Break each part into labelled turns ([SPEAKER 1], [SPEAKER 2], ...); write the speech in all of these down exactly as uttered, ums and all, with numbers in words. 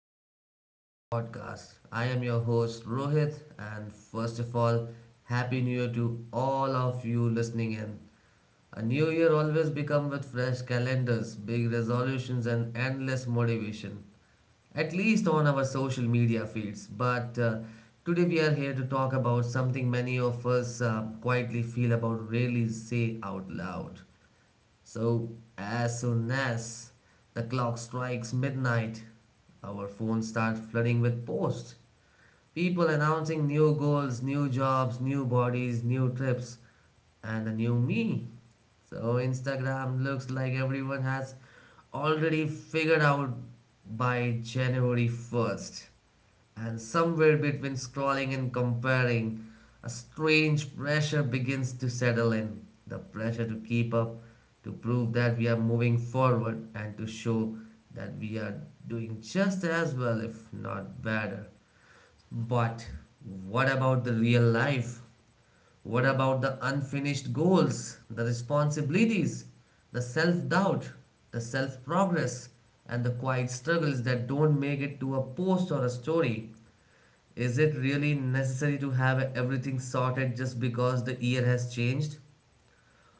[SPEAKER 1] welcome back to the podcast. I am your host Rohit, and first of all, Happy New Year to all of you listening in. A new year always become with fresh calendars, big resolutions, and endless motivation, at least on our social media feeds. But uh, today, we are here to talk about something many of us uh, quietly feel about, really say out loud. So, as soon as the clock strikes midnight, our phones start flooding with posts. People announcing new goals, new jobs, new bodies, new trips, and a new me. So Instagram looks like everyone has already figured out by January first. And somewhere between scrolling and comparing, a strange pressure begins to settle in. The pressure to keep up, to prove that we are moving forward, and to show that we are doing just as well, if not better. But what about the real life? What about the unfinished goals, the responsibilities, the self doubt, the self progress, and the quiet struggles that don't make it to a post or a story? Is it really necessary to have everything sorted just because the year has changed?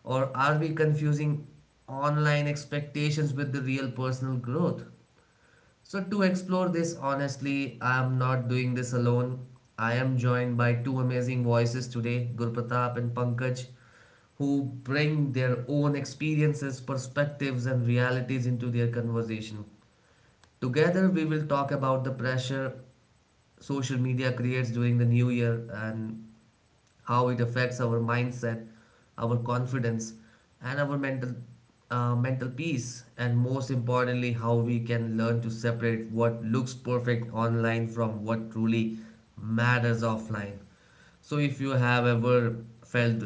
[SPEAKER 1] Or are we confusing online expectations with the real personal growth? So, to explore this honestly, I am not doing this alone. I am joined by two amazing voices today, Gurpratap and Pankaj, who bring their own experiences, perspectives, and realities into their conversation. Together, we will talk about the pressure social media creates during the new year and how it affects our mindset, our confidence, and our mental uh, mental peace, and most importantly, how we can learn to separate what looks perfect online from what truly matters offline. So, if you have ever felt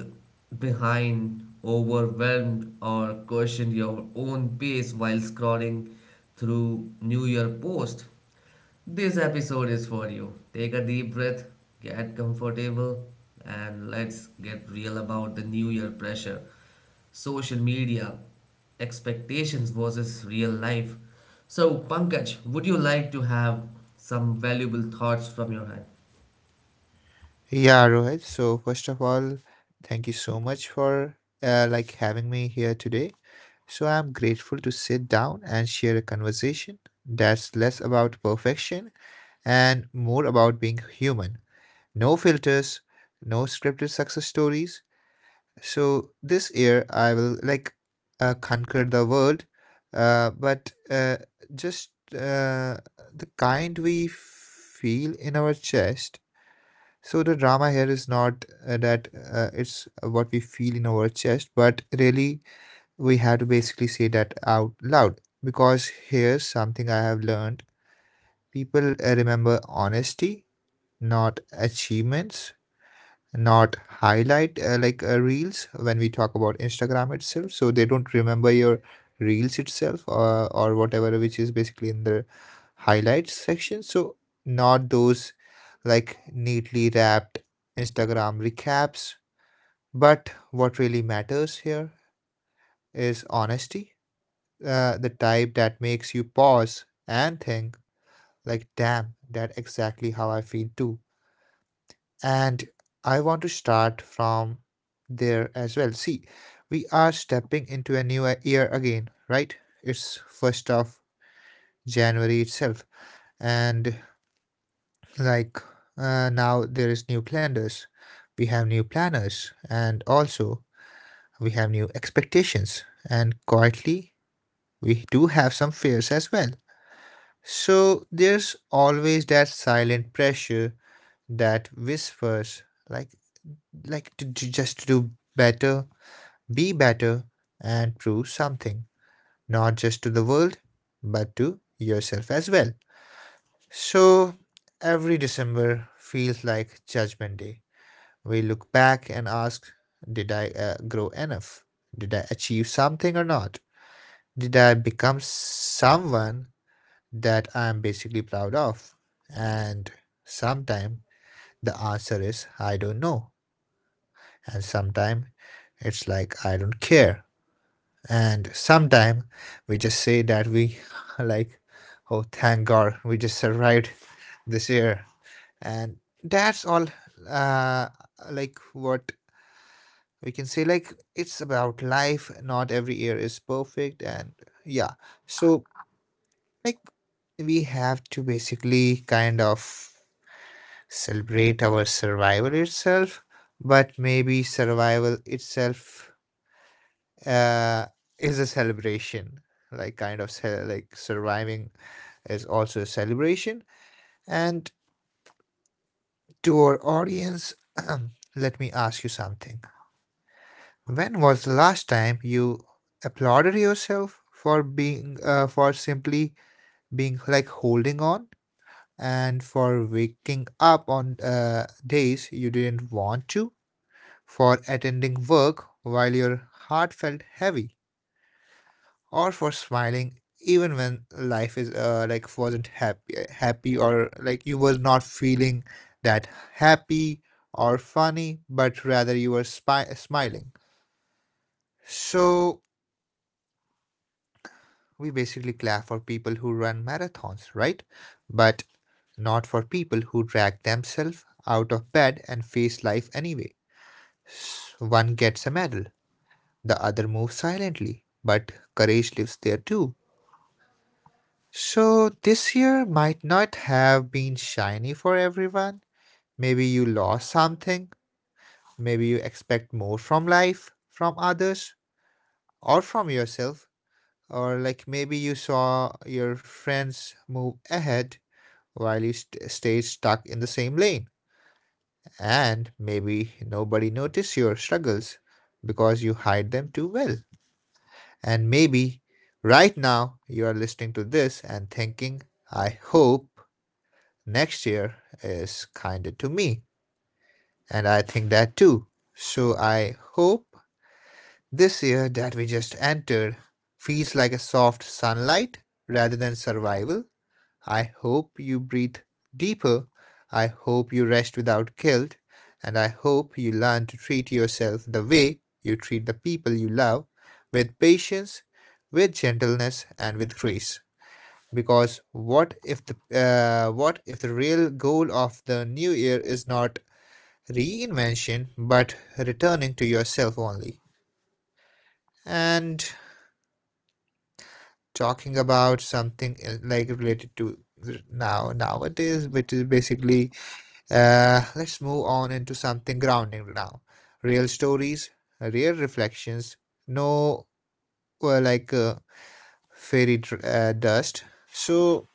[SPEAKER 1] behind, overwhelmed, or questioned your own pace while scrolling through New Year posts, this episode is for you. Take a deep breath, get comfortable, and let's get real about the new year pressure, social media, expectations versus real life. So, Pankaj, would you like to have some valuable thoughts from your hand?
[SPEAKER 2] Yeah, Rohit. So first of all, thank you so much for uh, like having me here today. So I'm grateful to sit down and share a conversation that's less about perfection and more about being human. No filters, no scripted success stories. So this year I will like uh, conquer the world, uh, but uh, just uh, the kind we feel in our chest. So the drama here is not uh, that uh, it's what we feel in our chest, but really we have to basically say that out loud because here's something I have learned. People uh, remember honesty, not achievements, not highlight uh, like uh, reels when we talk about Instagram itself. So they don't remember your reels itself uh, or whatever, which is basically in the highlights section. So not those like neatly wrapped Instagram recaps, but what really matters here is honesty, uh, the type that makes you pause and think like damn, that exactly how I feel too. And I want to start from there as well. See, we are stepping into a new uh, year again, right? It's first of January itself, and like uh, now there is new calendars, we have new planners, and also we have new expectations, and quietly we do have some fears as well. So there's always that silent pressure that whispers like like to, to just do better, be better, and prove something, not just to the world, but to yourself as well. So, every December feels like Judgment Day. We look back and ask, did I uh, grow enough? Did I achieve something or not? Did I become someone that I'm basically proud of? And sometimes the answer is, I don't know. And sometimes it's like, I don't care. And sometime we just say that we like, oh thank god we just survived this year, and that's all, uh like what we can say. Like it's about life, not every year is perfect, and yeah. So like we have to basically kind of celebrate our survival itself. But maybe survival itself uh, is a celebration. Like kind of ce- like surviving is also a celebration. And to our audience, let me ask you something. When was the last time you applauded yourself for being, uh, for simply being, like holding on, and for waking up on uh, days you didn't want to, for attending work while your heart felt heavy, or for smiling even when life is uh, like wasn't happy happy, or like you was not feeling that happy or funny, but rather you were spi- smiling. So we basically clap for people who run marathons, right? But not for people who drag themselves out of bed and face life anyway. S- one gets a medal, the other moves silently, but courage lives there too. So this year might not have been shiny for everyone. Maybe you lost something. Maybe you expect more from life, from others, or from yourself. Or like maybe you saw your friends move ahead while you st- stayed stuck in the same lane. And maybe nobody noticed your struggles because you hide them too well. And maybe right now you are listening to this and thinking, I hope next year is kinder to me. And I think that too. So I hope this year that we just entered feels like a soft sunlight rather than survival. I hope you breathe deeper. I hope you rest without guilt. And I hope you learn to treat yourself the way you treat the people you love, with patience, with gentleness, and with grace. Because what if the uh, what if the real goal of the new year is not reinvention but returning to yourself only? And talking about something uh, like related to now nowadays, which is basically, uh, let's move on into something grounding now. Real stories, real reflections, no uh, like uh, fairy dr- uh, dust. So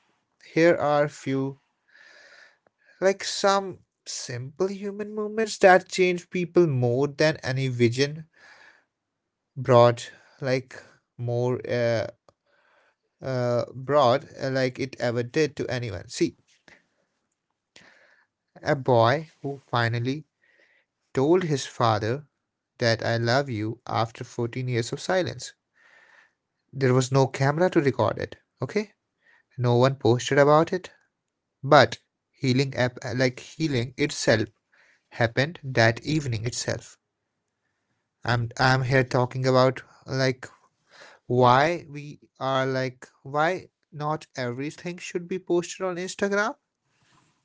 [SPEAKER 2] here are few, like some simple human movements that change people more than any vision broad, like more uh, uh, broad, uh, like it ever did to anyone. See, a boy who finally told his father that I love you after fourteen years of silence. There was no camera to record it, okay? No one posted about it, but healing app like healing itself happened that evening itself. I'm I'm here talking about like why we are like why not everything should be posted on Instagram,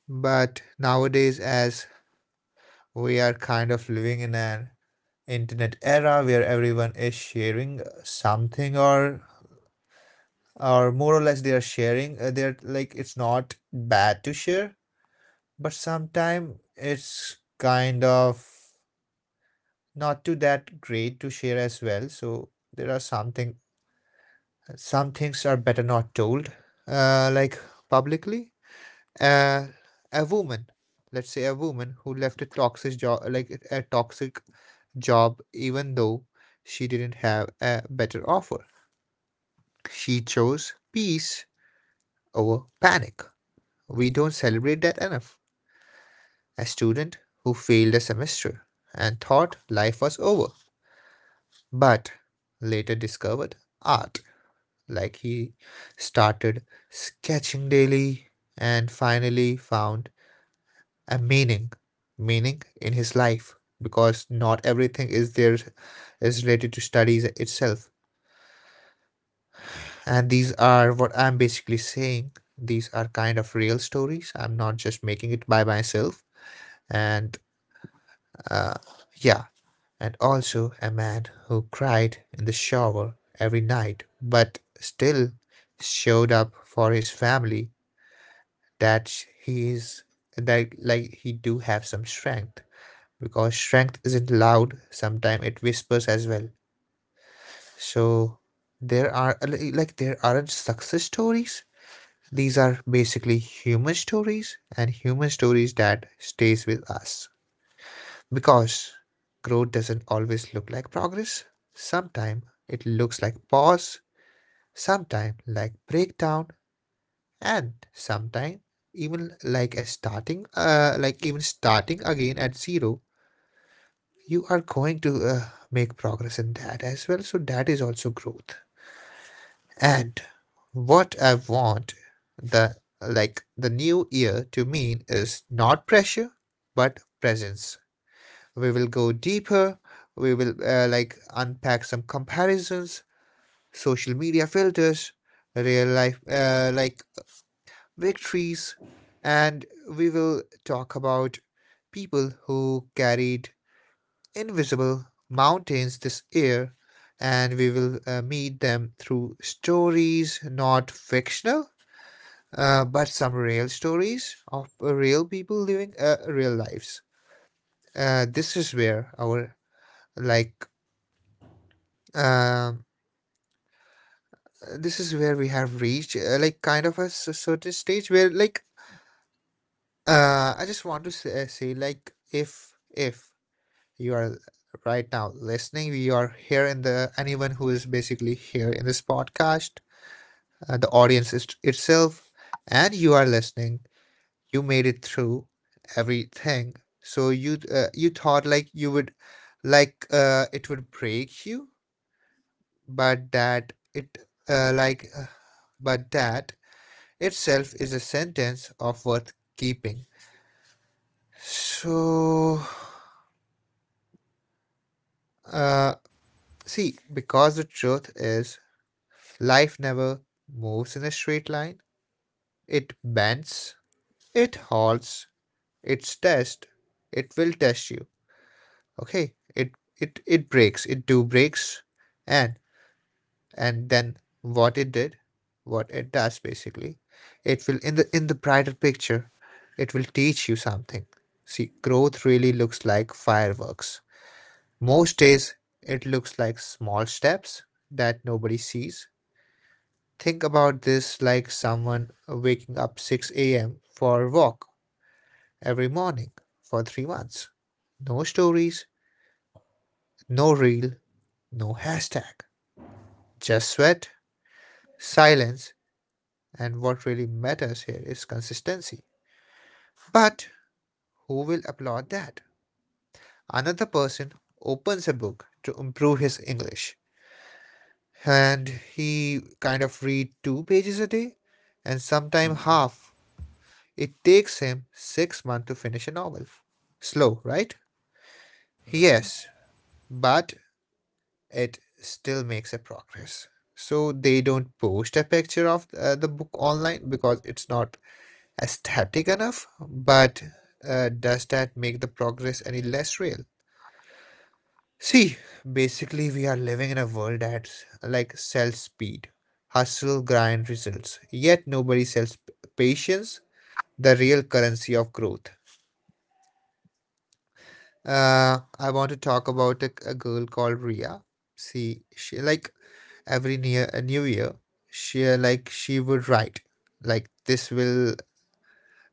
[SPEAKER 2] but nowadays as we are kind of living in an internet era where everyone is sharing something, or or more or less they are sharing, uh, they're like it's not bad to share, but sometimes it's kind of not too that great to share as well. So there are something, some things are better not told, uh, like publicly. Uh, a woman, let's say a woman who left a toxic job, like a toxic job, even though she didn't have a better offer. She chose peace over panic. We don't celebrate that enough. A student who failed a semester and thought life was over, but later discovered art. Like he started sketching daily and finally found a meaning, meaning in his life, because not everything is there is related to studies itself. And these are what I'm basically saying. These are kind of real stories. I'm not just making it by myself. And uh, yeah, and also a man who cried in the shower every night but still showed up for his family, that he is, that like he do have some strength, because strength isn't loud, sometimes it whispers as well. So there are, like there aren't success stories, these are basically human stories, and human stories that stays with us. Because growth doesn't always look like progress. Sometimes it looks like pause, sometimes like breakdown, and sometimes even like a starting uh, like even starting again at zero. You are going to uh, make progress in that as well, so that is also growth. And what I want the like the new year to mean is not pressure but presence. We will go deeper, we will uh, like unpack some comparisons, social media filters, real life uh, like victories, and we will talk about people who carried invisible mountains this year, and we will uh, meet them through stories, not fictional, uh, but some real stories of uh, real people living uh, real lives. Uh, this is where our like um, this is where we have reached uh, like kind of a s- certain stage where like uh I just want to say, say like if if you are right now listening. You are here in the, anyone who is basically here in this podcast, uh, the audience is, itself, and you are listening. You made it through everything. So you uh, you thought like you would like uh, it would break you, but that it uh, like uh, but that itself is a sentence of worth keeping. So, uh, see, because the truth is life never moves in a straight line. It bends, it halts, it's test, it will test you. Okay? It it it breaks, it do breaks. And and then what it did, what it does basically, it will, in the in the brighter picture, it will teach you something. See, growth really looks like fireworks. Most days it looks like small steps that nobody sees. Think about this, like someone waking up six a m for a walk every morning for three months. No stories, no reel, no hashtag. Just sweat, silence, and what really matters here is consistency. But who will applaud that? Another person opens a book to improve his English, and he kind of read two pages a day and sometimes half. It takes him six months to finish a novel. Slow, right? Yes, but it still makes a progress. So they don't post a picture of uh, the book online because it's not aesthetic enough. But uh, does that make the progress any less real? See, basically, we are living in a world that's like sells speed, hustle, grind, results. Yet nobody sells p- patience, the real currency of growth. Uh, I want to talk about a, a girl called Ria. See, she like every near a new year, she uh, like she would write like this will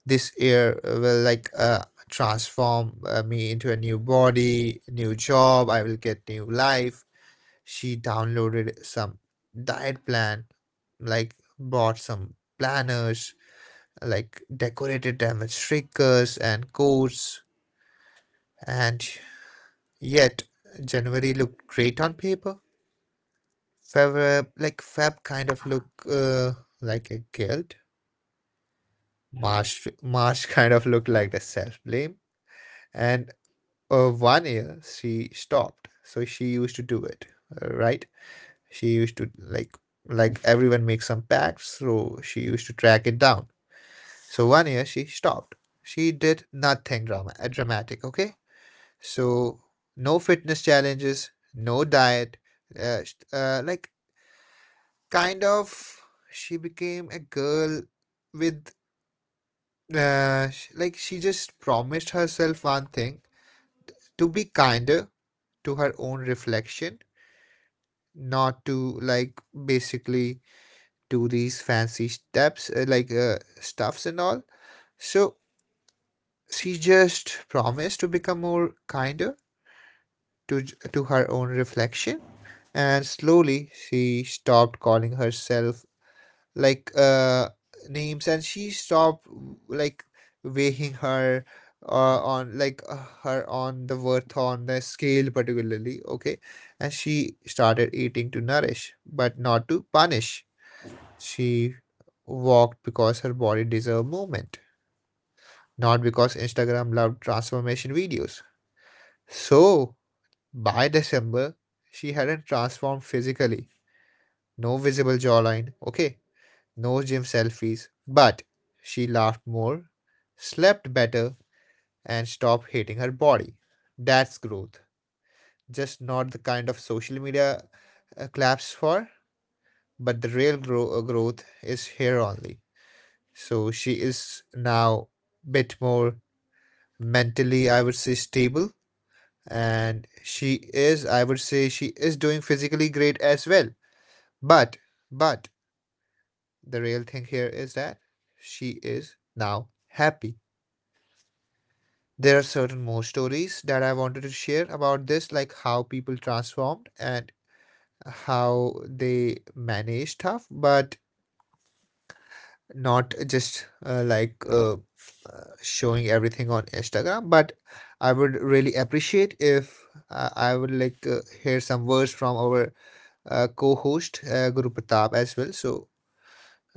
[SPEAKER 2] this year will like uh transform uh, me into a new body, new job. I will get new life. She downloaded some diet plan, like bought some planners, like decorated them with stickers and codes, and yet January looked great on paper. Feb, uh, like Feb, kind of look uh, like a guilt. March, March kind of looked like the self blame. And uh, one year she stopped, so she used to do it, uh, right? She used to like like everyone makes some pacts, so she used to track it down. So one year she stopped. She did nothing drama, uh, dramatic. Okay, so no fitness challenges, no diet, uh, sh- uh, like kind of she became a girl with uh, sh- like she just promised herself one thing, to be kinder to her own reflection, not to like basically do these fancy steps uh, like uh, stuffs and all. So she just promised to become more kinder to j- to her own reflection, and slowly she stopped calling herself like uh names, and she stopped like weighing her uh, on like uh, her on the worth on the scale particularly, okay. And she started eating to nourish but not to punish. She walked because her body deserved movement, not because Instagram loved transformation videos. So by December, she hadn't transformed physically. No visible jawline, okay. No gym selfies, but she laughed more, slept better, and stopped hating her body. That's growth. Just not the kind of social media uh, claps for, but the real grow- uh, growth is here only. So she is now bit more mentally, I would say, stable. And she is, I would say, she is doing physically great as well. But, but the real thing here is that she is now happy. There are certain more stories that I wanted to share about this, like how people transformed and how they manage stuff, but not just uh, like uh, uh, showing everything on Instagram. But I would really appreciate if uh, I would like uh, hear some words from our uh, co-host uh, Guru Pratap as well. So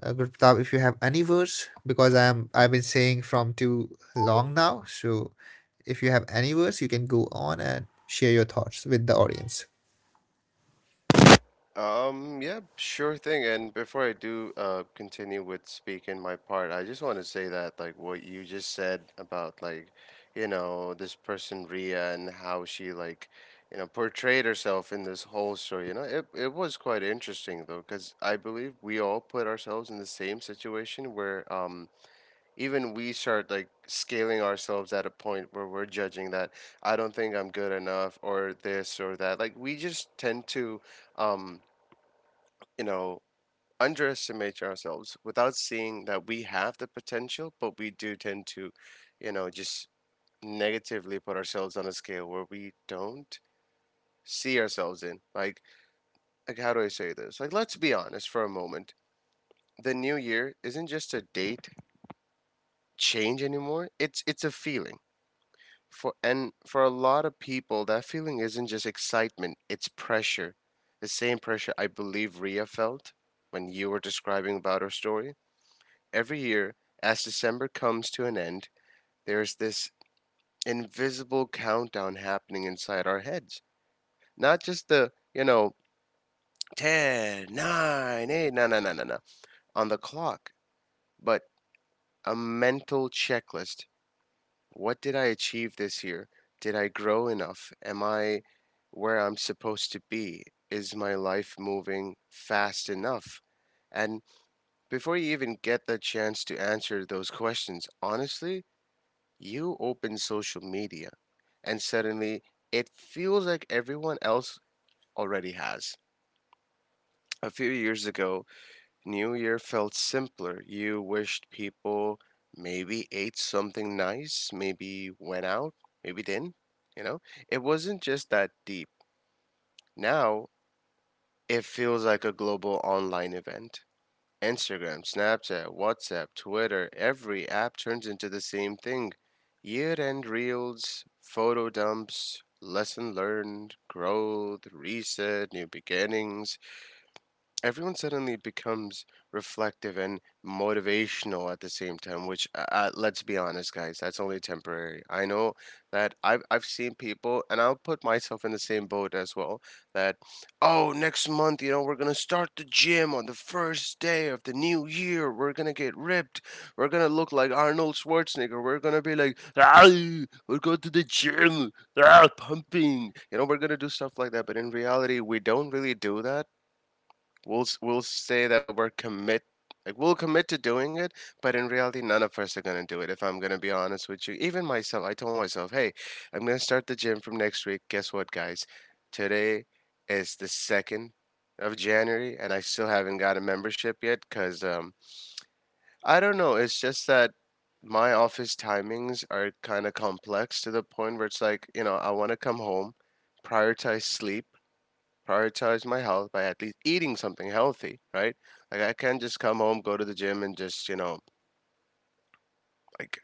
[SPEAKER 2] uh, good Pratap, if you have any words, because I am I've been saying from too long now. So if you have any words, you can go on and share your thoughts with the audience.
[SPEAKER 3] Um, yeah, sure thing. And before I do uh continue with speaking my part, I just want to say that, like what you just said about like, you know, this person Ria and how she, like, you know, portrayed herself in this whole story. You know, it it was quite interesting though, because I believe we all put ourselves in the same situation where um even we start like scaling ourselves at a point where we're judging that I don't think I'm good enough, or this or that. Like, we just tend to um you know, underestimate ourselves without seeing that we have the potential, but we do tend to, you know, just negatively put ourselves on a scale where we don't see ourselves in. Like, like how do I say this? Like, let's be honest for a moment. The new year isn't just a date change anymore. It's it's a feeling. For and for a lot of people, that feeling isn't just excitement. It's pressure. The same pressure I believe Ria felt when you were describing about her story. Every year, as December comes to an end, there's this invisible countdown happening inside our heads. Not just the, you know, ten, nine, eight, no, no, no, no, no, on the clock, but a mental checklist. What did I achieve this year? Did I grow enough? Am I where I'm supposed to be? Is my life moving fast enough? And before you even get the chance to answer those questions honestly, you open social media, and suddenly it feels like everyone else already has. A few years ago, New Year felt simpler. You wished people, maybe ate something nice, maybe went out, maybe didn't. You know, it wasn't just that deep. Now, it feels like a global online event. Instagram, Snapchat, WhatsApp, Twitter, every app turns into the same thing. Year end reels, photo dumps, lesson learned, growth, reset, new beginnings. Everyone suddenly becomes reflective and motivational at the same time, which, uh, uh, let's be honest guys, that's only temporary. I know that I've, I've seen people, and I'll put myself in the same boat as well, that, oh, next month, you know, we're gonna start the gym on the first day of the new year. We're gonna get ripped, we're gonna look like Arnold Schwarzenegger. We're gonna be like, ah, we're going to the gym, ah, pumping, you know. We're gonna do stuff like that, but in reality we don't really do that. We'll we'll say that we're commit like we'll commit to doing it, but in reality, none of us are gonna do it. If I'm gonna be honest with you, even myself, I told myself, hey, I'm gonna start the gym from next week. Guess what, guys? Today is the second of January, and I still haven't got a membership yet because um I don't know. It's just that my office timings are kind of complex to the point where it's like, you know, I want to come home, prioritize sleep, prioritize my health by at least eating something healthy, right? Like, I can't just come home, go to the gym and just, you know, like,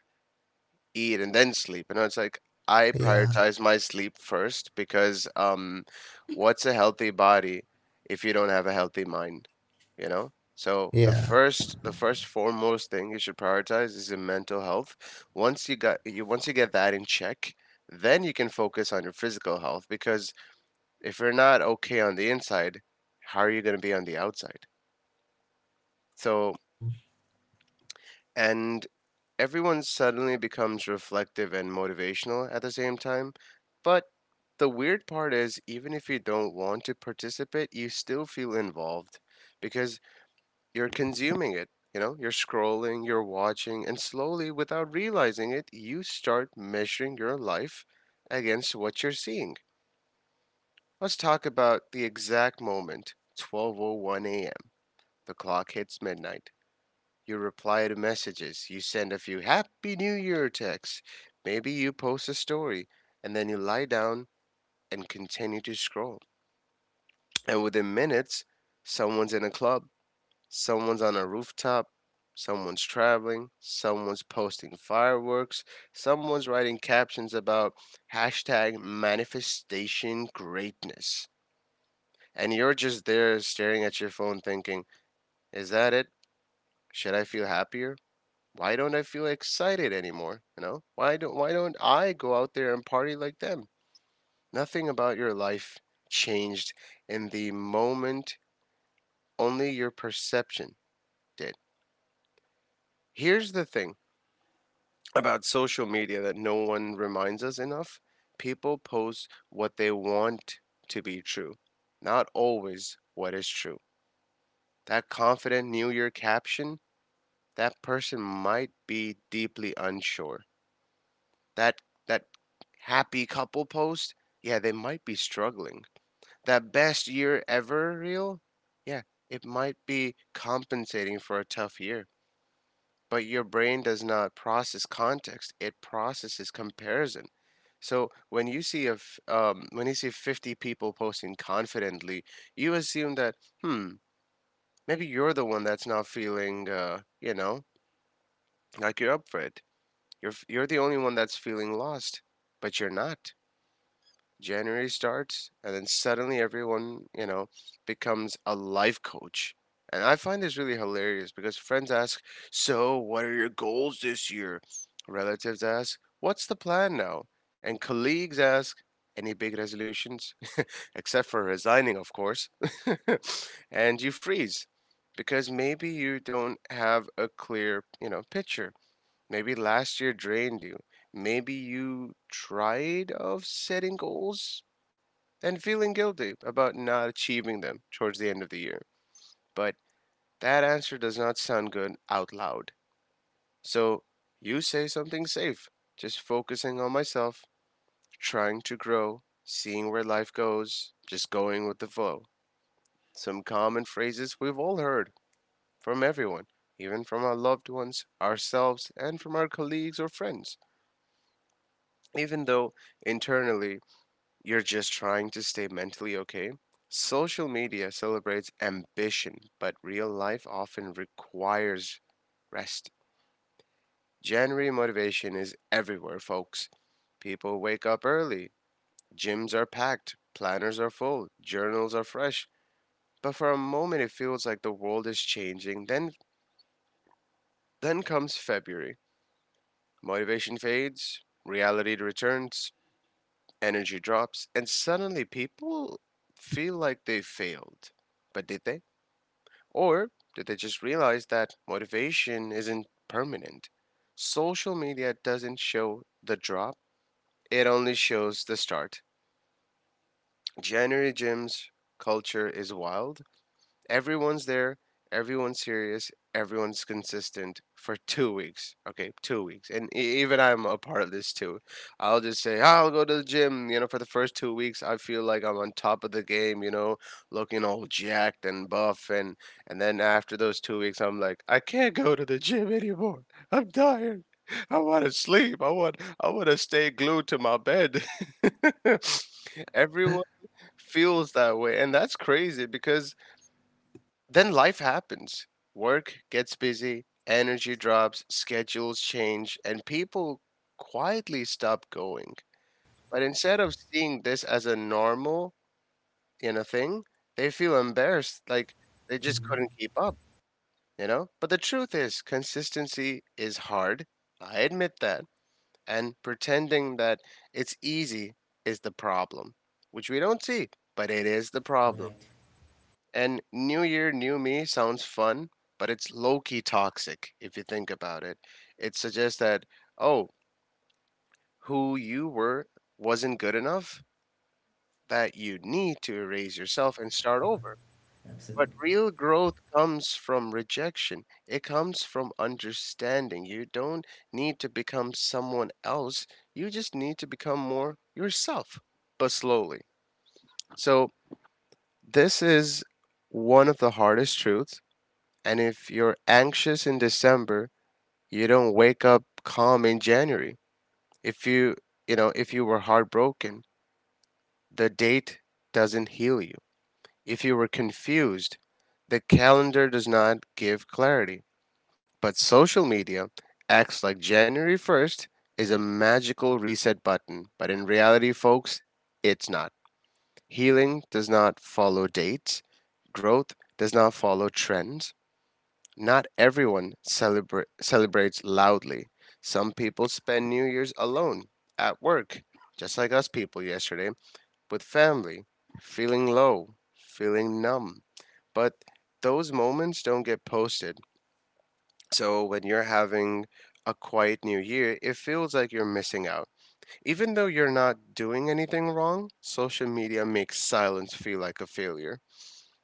[SPEAKER 3] eat and then sleep. You know, it's like, I
[SPEAKER 2] Yeah,
[SPEAKER 3] prioritize my sleep first because um what's a healthy body if you don't have a healthy mind, you know? So the
[SPEAKER 2] yeah.
[SPEAKER 3] first the first foremost thing you should prioritize is your mental health. Once you got you once you get that in check, then you can focus on your physical health, because if you're not okay on the inside, how are you going to be on the outside? So,
[SPEAKER 2] Hmm.
[SPEAKER 3] and everyone suddenly becomes reflective and motivational at the same time. But the weird part is, even if you don't want to participate, you still feel involved, because you're consuming it. You know, you're scrolling, you're watching, and slowly, without realizing it, you start measuring your life against what you're seeing. Let's talk about the exact moment. twelve oh one a m. The clock hits midnight. You reply to messages. You send a few Happy New Year texts. Maybe you post a story. And then you lie down and continue to scroll. And within minutes, someone's in a club, someone's on a rooftop, someone's traveling, someone's posting fireworks, someone's writing captions about hashtag manifestation greatness. And you're just there staring at your phone thinking, is that it? Should I feel happier? Why don't I feel excited anymore? You know, why don't why don't I go out there and party like them? Nothing about your life changed in the moment, only your perception did. Here's the thing about social media that no one reminds us enough. People post what they want to be true, not always what is true. That confident New Year caption, that person might be deeply unsure. That that happy couple post, yeah, they might be struggling. That best year ever reel, yeah, it might be compensating for a tough year. But your brain does not process context; it processes comparison. So when you see a f- um, when you see fifty people posting confidently, you assume that, hmm, maybe you're the one that's not feeling, uh, you know, like you're up for it. You're f- you're the only one that's feeling lost, but you're not. January starts, and then suddenly everyone, you know, becomes a life coach. And I find this really hilarious because friends ask, so, what are your goals this year? Relatives ask, what's the plan now? And colleagues ask, any big resolutions? Except for resigning, of course. And you freeze, because maybe you don't have a clear, you know, picture. Maybe last year drained you, maybe you tried of setting goals and feeling guilty about not achieving them towards the end of the year. But that answer does not sound good out loud. So you say something safe, just focusing on myself, trying to grow, seeing where life goes, just going with the flow. Some common phrases we've all heard from everyone, even from our loved ones, ourselves, and from our colleagues or friends. Even though internally you're just trying to stay mentally okay. Social media celebrates ambition, but real life often requires rest. January motivation is everywhere, folks. People wake up early, gyms are packed, planners are full, journals are fresh. But for a moment it feels like the world is changing. Then then comes February. Motivation fades, reality returns, energy drops, and suddenly people feel like they failed. But did they? Or did they just realize that motivation isn't permanent? Social media doesn't show the drop, it only shows the start. January gyms culture is wild. Everyone's there, everyone's serious, everyone's consistent for two weeks. Okay, two weeks. And e- even I'm a part of this too. I'll just say, oh, I'll go to the gym. You know, for the first two weeks, I feel like I'm on top of the game, you know, looking all jacked and buff. And, and then after those two weeks, I'm like, I can't go to the gym anymore. I'm tired. I want to sleep. I want I want to stay glued to my bed. Everyone feels that way, and that's crazy because then life happens. Work gets busy, energy drops, schedules change, and people quietly stop going. But instead of seeing this as a normal, you know, thing, they feel embarrassed, like they just couldn't keep up, you know? But the truth is, consistency is hard. I admit that. And pretending that it's easy is the problem, which we don't see, but it is the problem.
[SPEAKER 1] Right.
[SPEAKER 3] And New Year, New Me sounds fun, but it's low key toxic if you think about it. It suggests that, oh, who you were wasn't good enough, that you need to erase yourself and start over. But real growth comes from rejection, it comes from understanding. You don't need to become someone else, you just need to become more yourself, but slowly. So, this is one of the hardest truths. And if you're anxious in December, you don't wake up calm in January. If you, you know, if you were heartbroken, the date doesn't heal you. If you were confused, the calendar does not give clarity. But social media acts like January first is a magical reset button. But in reality, folks, it's not. Healing does not follow dates, growth does not follow trends. Not everyone celebra- celebrates loudly. Some people spend New Year's alone, at work, just like us people yesterday, with family, feeling low, feeling numb. But those moments don't get posted. So when you're having a quiet new year, it feels like you're missing out. Even though you're not doing anything wrong, social media makes silence feel like a failure.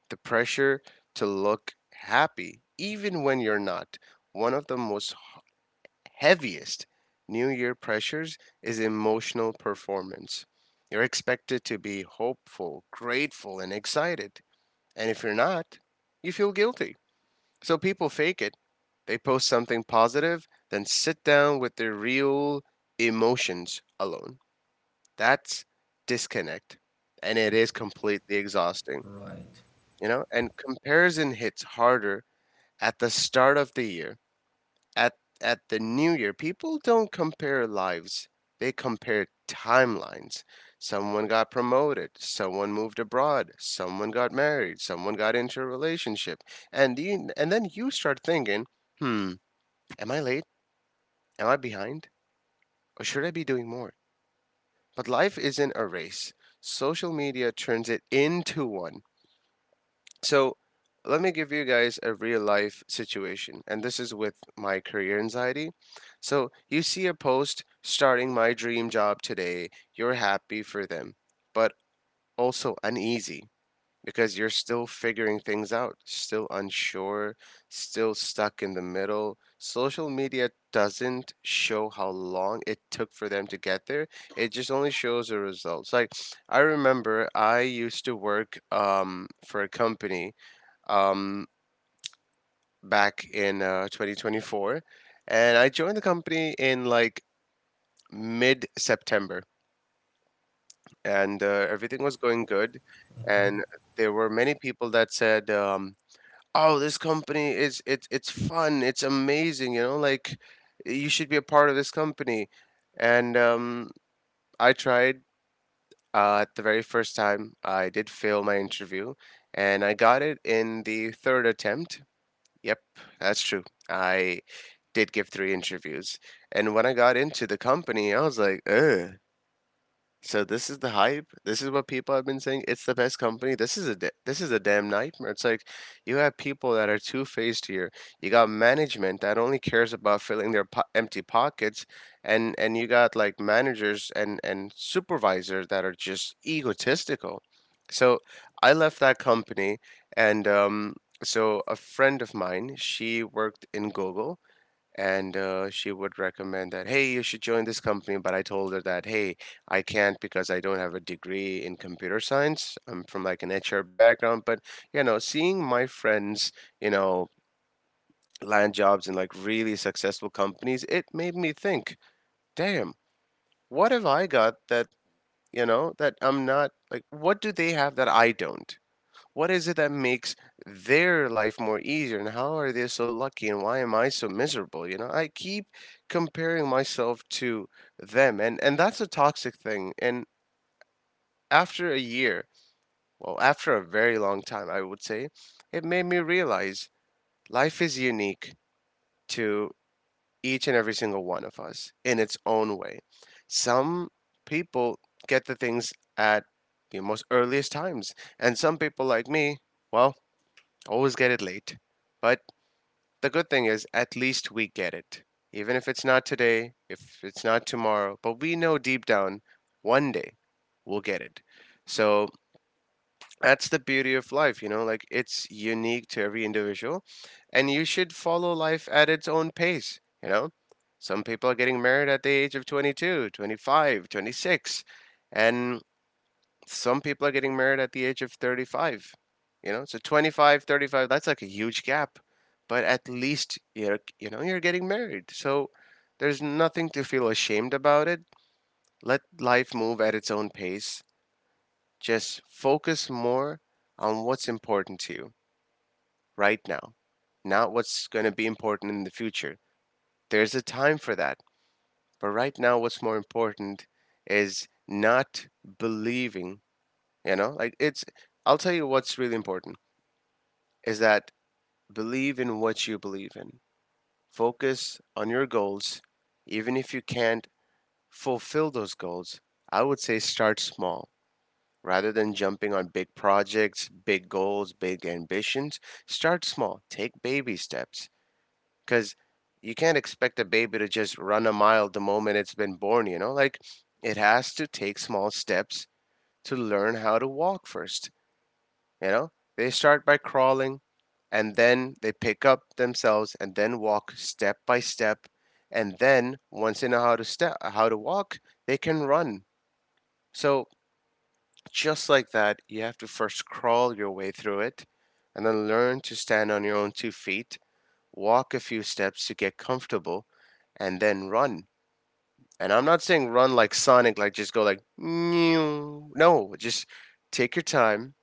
[SPEAKER 3] The pressure to look happy, even when you're not. One of the most heaviest New Year pressures is emotional performance. You're expected to be hopeful, grateful, and excited. And if you're not, you feel guilty. So people fake it. They post something positive, then sit down with their real emotions alone. That's disconnect. And it is completely exhausting,
[SPEAKER 1] Right.
[SPEAKER 3] you know? And comparison hits harder at the start of the year, at at the new year, people don't compare lives. They compare timelines. Someone got promoted, someone moved abroad, someone got married, someone got into a relationship. And you, and then you start thinking, "Hmm, am I late? Am I behind? Or should I be doing more?" But life isn't a race. Social media turns it into one. So let me give you guys a real life situation, and this is with my career anxiety. So you see a post starting my dream job today, you're happy for them, but also uneasy because you're still figuring things out, still unsure, still stuck in the middle. Social media doesn't show how long it took for them to get there. It just only shows the results. Like I remember I used to work um for a company um, back in uh, twenty twenty-four, and I joined the company in like mid September, and uh, everything was going good,
[SPEAKER 1] Okay.
[SPEAKER 3] and there were many people that said, um, "Oh, this company is it's it's fun, it's amazing, you know, like you should be a part of this company," and um, I tried. Uh, at the very first time, I did fail my interview, and I got it in the third attempt. Yep, that's true. I did give three interviews, and when I got into the company, I was like, "Ugh, so this is the hype. This is what people have been saying. It's the best company. This is a da- this is a damn nightmare. It's like you have people that are two faced here. You got management that only cares about filling their po- empty pockets, and and you got like managers and and supervisors that are just egotistical. So I left that company, and um, so a friend of mine, she worked in Google, and uh, she would recommend that, hey, you should join this company, but I told her that, hey, I can't because I don't have a degree in computer science. I'm from like an HR background. But you know, seeing my friends, you know land jobs in like really successful companies, it made me think, damn, what have I got that, you know that I'm not, like, what do they have that I don't, what is it that makes their life more easier, and how are they so lucky, and why am I so miserable? You know, I keep comparing myself to them, and and that's a toxic thing. And after a year, well, after a very long time, I would say, it made me realize life is unique to each and every single one of us in its own way. Some people get the things at the most earliest times, and some people like me, well, always get it late. But the good thing is, at least we get it. Even if it's not today, if it's not tomorrow, but we know deep down one day we'll get it. So that's the beauty of life, you know, like it's unique to every individual, and you should follow life at its own pace, you know. Some people are getting married at the age of twenty-two, twenty-five, twenty-six, and some people are getting married at the age of thirty-five. You know, so twenty-five, thirty-five, that's like a huge gap, but at least you're, you know, you're getting married, so there's nothing to feel ashamed about it. Let life move at its own pace. Just focus more on what's important to you right now, not what's going to be important in the future. There's a time for that, but right now what's more important is not believing, you know, like it's, I'll tell you what's really important is that believe in what you believe in. Focus on your goals. Even if you can't fulfill those goals, I would say start small. Rather than jumping on big projects, big goals, big ambitions, start small. Take baby steps. Because you can't expect a baby to just run a mile the moment it's been born, you know? Like, it has to take small steps to learn how to walk first. You know, they start by crawling and then they pick up themselves and then walk step by step. And then once they know how to step, how to walk, they can run. So just like that, you have to first crawl your way through it and then learn to stand on your own two feet, walk a few steps to get comfortable, and then run. And I'm not saying run like Sonic, like just go like, no, just take your time,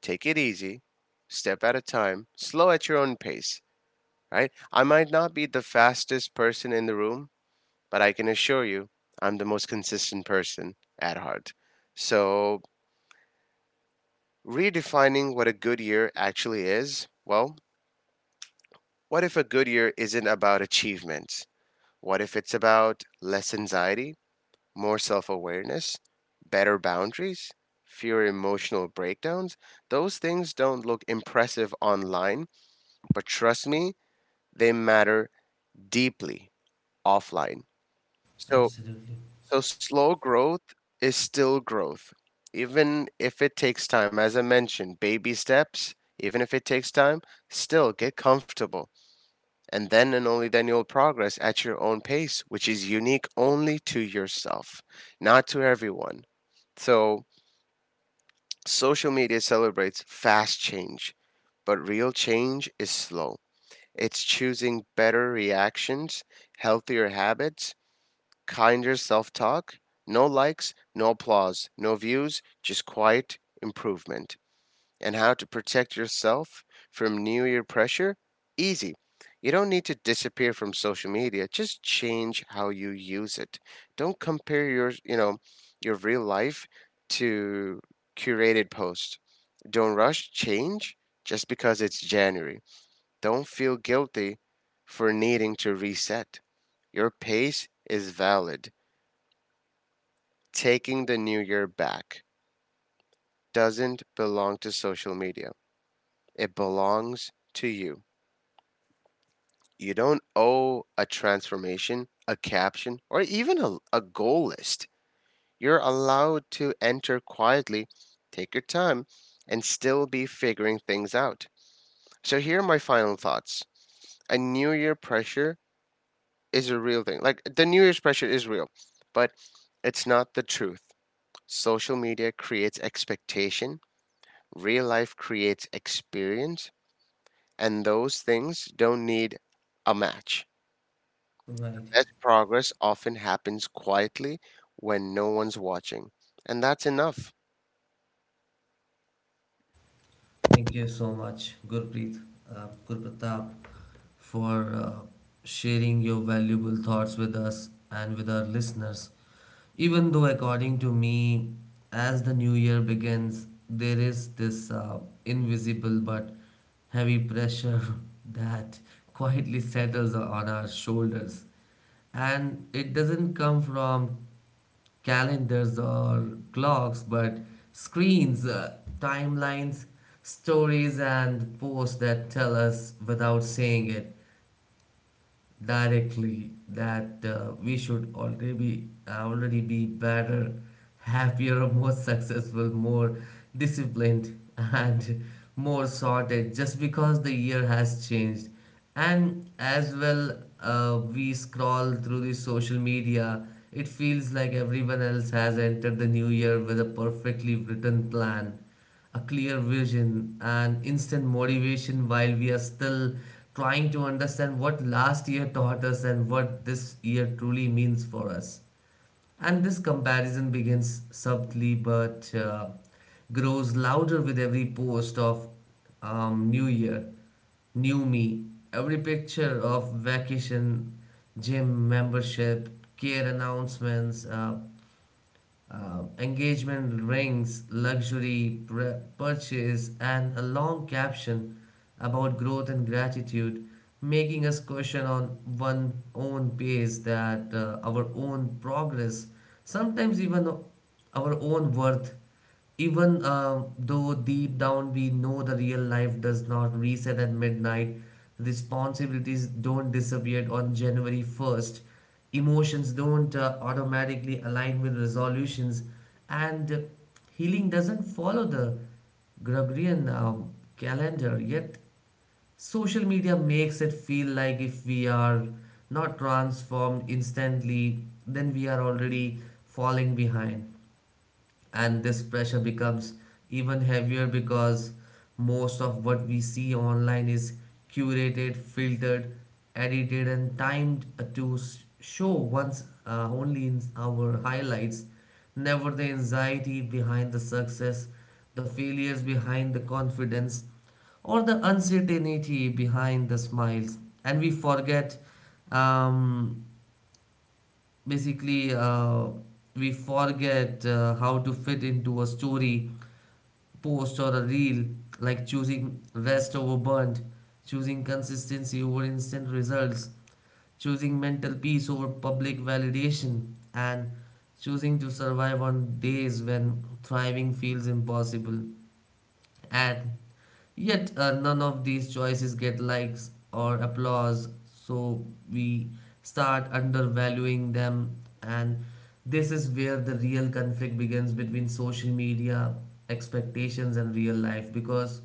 [SPEAKER 3] take it easy, step at a time, slow at your own pace, right? I might not be the fastest person in the room, but I can assure you I'm the most consistent person at heart. So, redefining what a good year actually is, well, what if a good year isn't about achievements? What if it's about less anxiety, more self awareness, better boundaries, fewer emotional breakdowns? Those things don't look impressive online, but trust me, they matter deeply offline. So,
[SPEAKER 1] Absolutely.
[SPEAKER 3] so slow growth is still growth, even if it takes time. As I mentioned, baby steps, even if it takes time, still get comfortable. And then and only then you'll progress at your own pace, which is unique only to yourself, not to everyone. So, social media celebrates fast change, but real change is slow. It's choosing better reactions, healthier habits, kinder self talk, no likes, no applause, no views, just quiet improvement. And how to protect yourself from New Year pressure? Easy. You don't need to disappear from social media. Just change how you use it. Don't compare your, you know, your real life to curated posts. Don't rush change just because it's January. Don't feel guilty for needing to reset. Your pace is valid. Taking the new year back doesn't belong to social media, it belongs to you. You don't owe a transformation, a caption, or even a, a goal list. You're allowed to enter quietly, take your time, and still be figuring things out. So, here are my final thoughts. A new year pressure is a real thing. Like, the new year's pressure is real, but it's not the truth. Social media creates expectation. Real life creates experience, and those things don't need a match.
[SPEAKER 1] Right.
[SPEAKER 3] Best progress often happens quietly when no one's watching, and that's enough.
[SPEAKER 1] Thank you so much, Gurpreet, uh, Gurpratap, for uh, sharing your valuable thoughts with us and with our listeners. Even though, according to me, as the new year begins, there is this uh, invisible but heavy pressure that quietly settles on our shoulders. And it doesn't come from calendars or clocks, but screens, uh, timelines, stories, and posts that tell us without saying it directly that uh, we should already be, already be better, happier, more successful, more disciplined, and more sorted just because the year has changed. And as well, uh, we scroll through the social media, it feels like everyone else has entered the new year with a perfectly written plan, a clear vision, and instant motivation while we are still trying to understand what last year taught us and what this year truly means for us. And this comparison begins subtly but uh, grows louder with every post of um, New Year, New Me, every picture of vacation, gym membership, care announcements. Uh, uh, engagement rings, luxury pr- purchase, and a long caption about growth and gratitude, making us question on one own pace that uh, our own progress, sometimes even our own worth. Even uh, though deep down we know the real life does not reset at midnight, responsibilities don't disappear on January first, emotions don't uh, automatically align with resolutions, and uh, healing doesn't follow the Gregorian um, calendar. Yet, social media makes it feel like if we are not transformed instantly, then we are already falling behind, and this pressure becomes even heavier because most of what we see online is curated, filtered, edited, and timed to s- show once uh, only in our highlights, never the anxiety behind the success, the failures behind the confidence, or the uncertainty behind the smiles. And we forget um, basically uh, we forget uh, how to fit into a story post or a reel, like choosing rest over burnt, choosing consistency over instant results, choosing mental peace over public validation, and choosing to survive on days when thriving feels impossible. And yet, uh, none of these choices get likes or applause, so we start undervaluing them. And this is where the real conflict begins between social media expectations and real life, because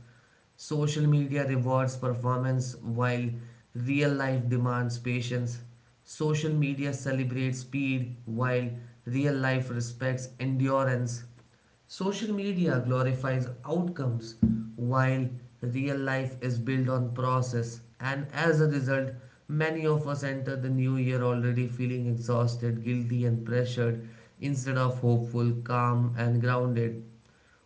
[SPEAKER 1] social media rewards performance while real life demands patience. Social media celebrates speed while real life respects endurance. Social media glorifies outcomes while real life is built on process, and as a result, many of us enter the new year already feeling exhausted, guilty, and pressured instead of hopeful, calm, and grounded,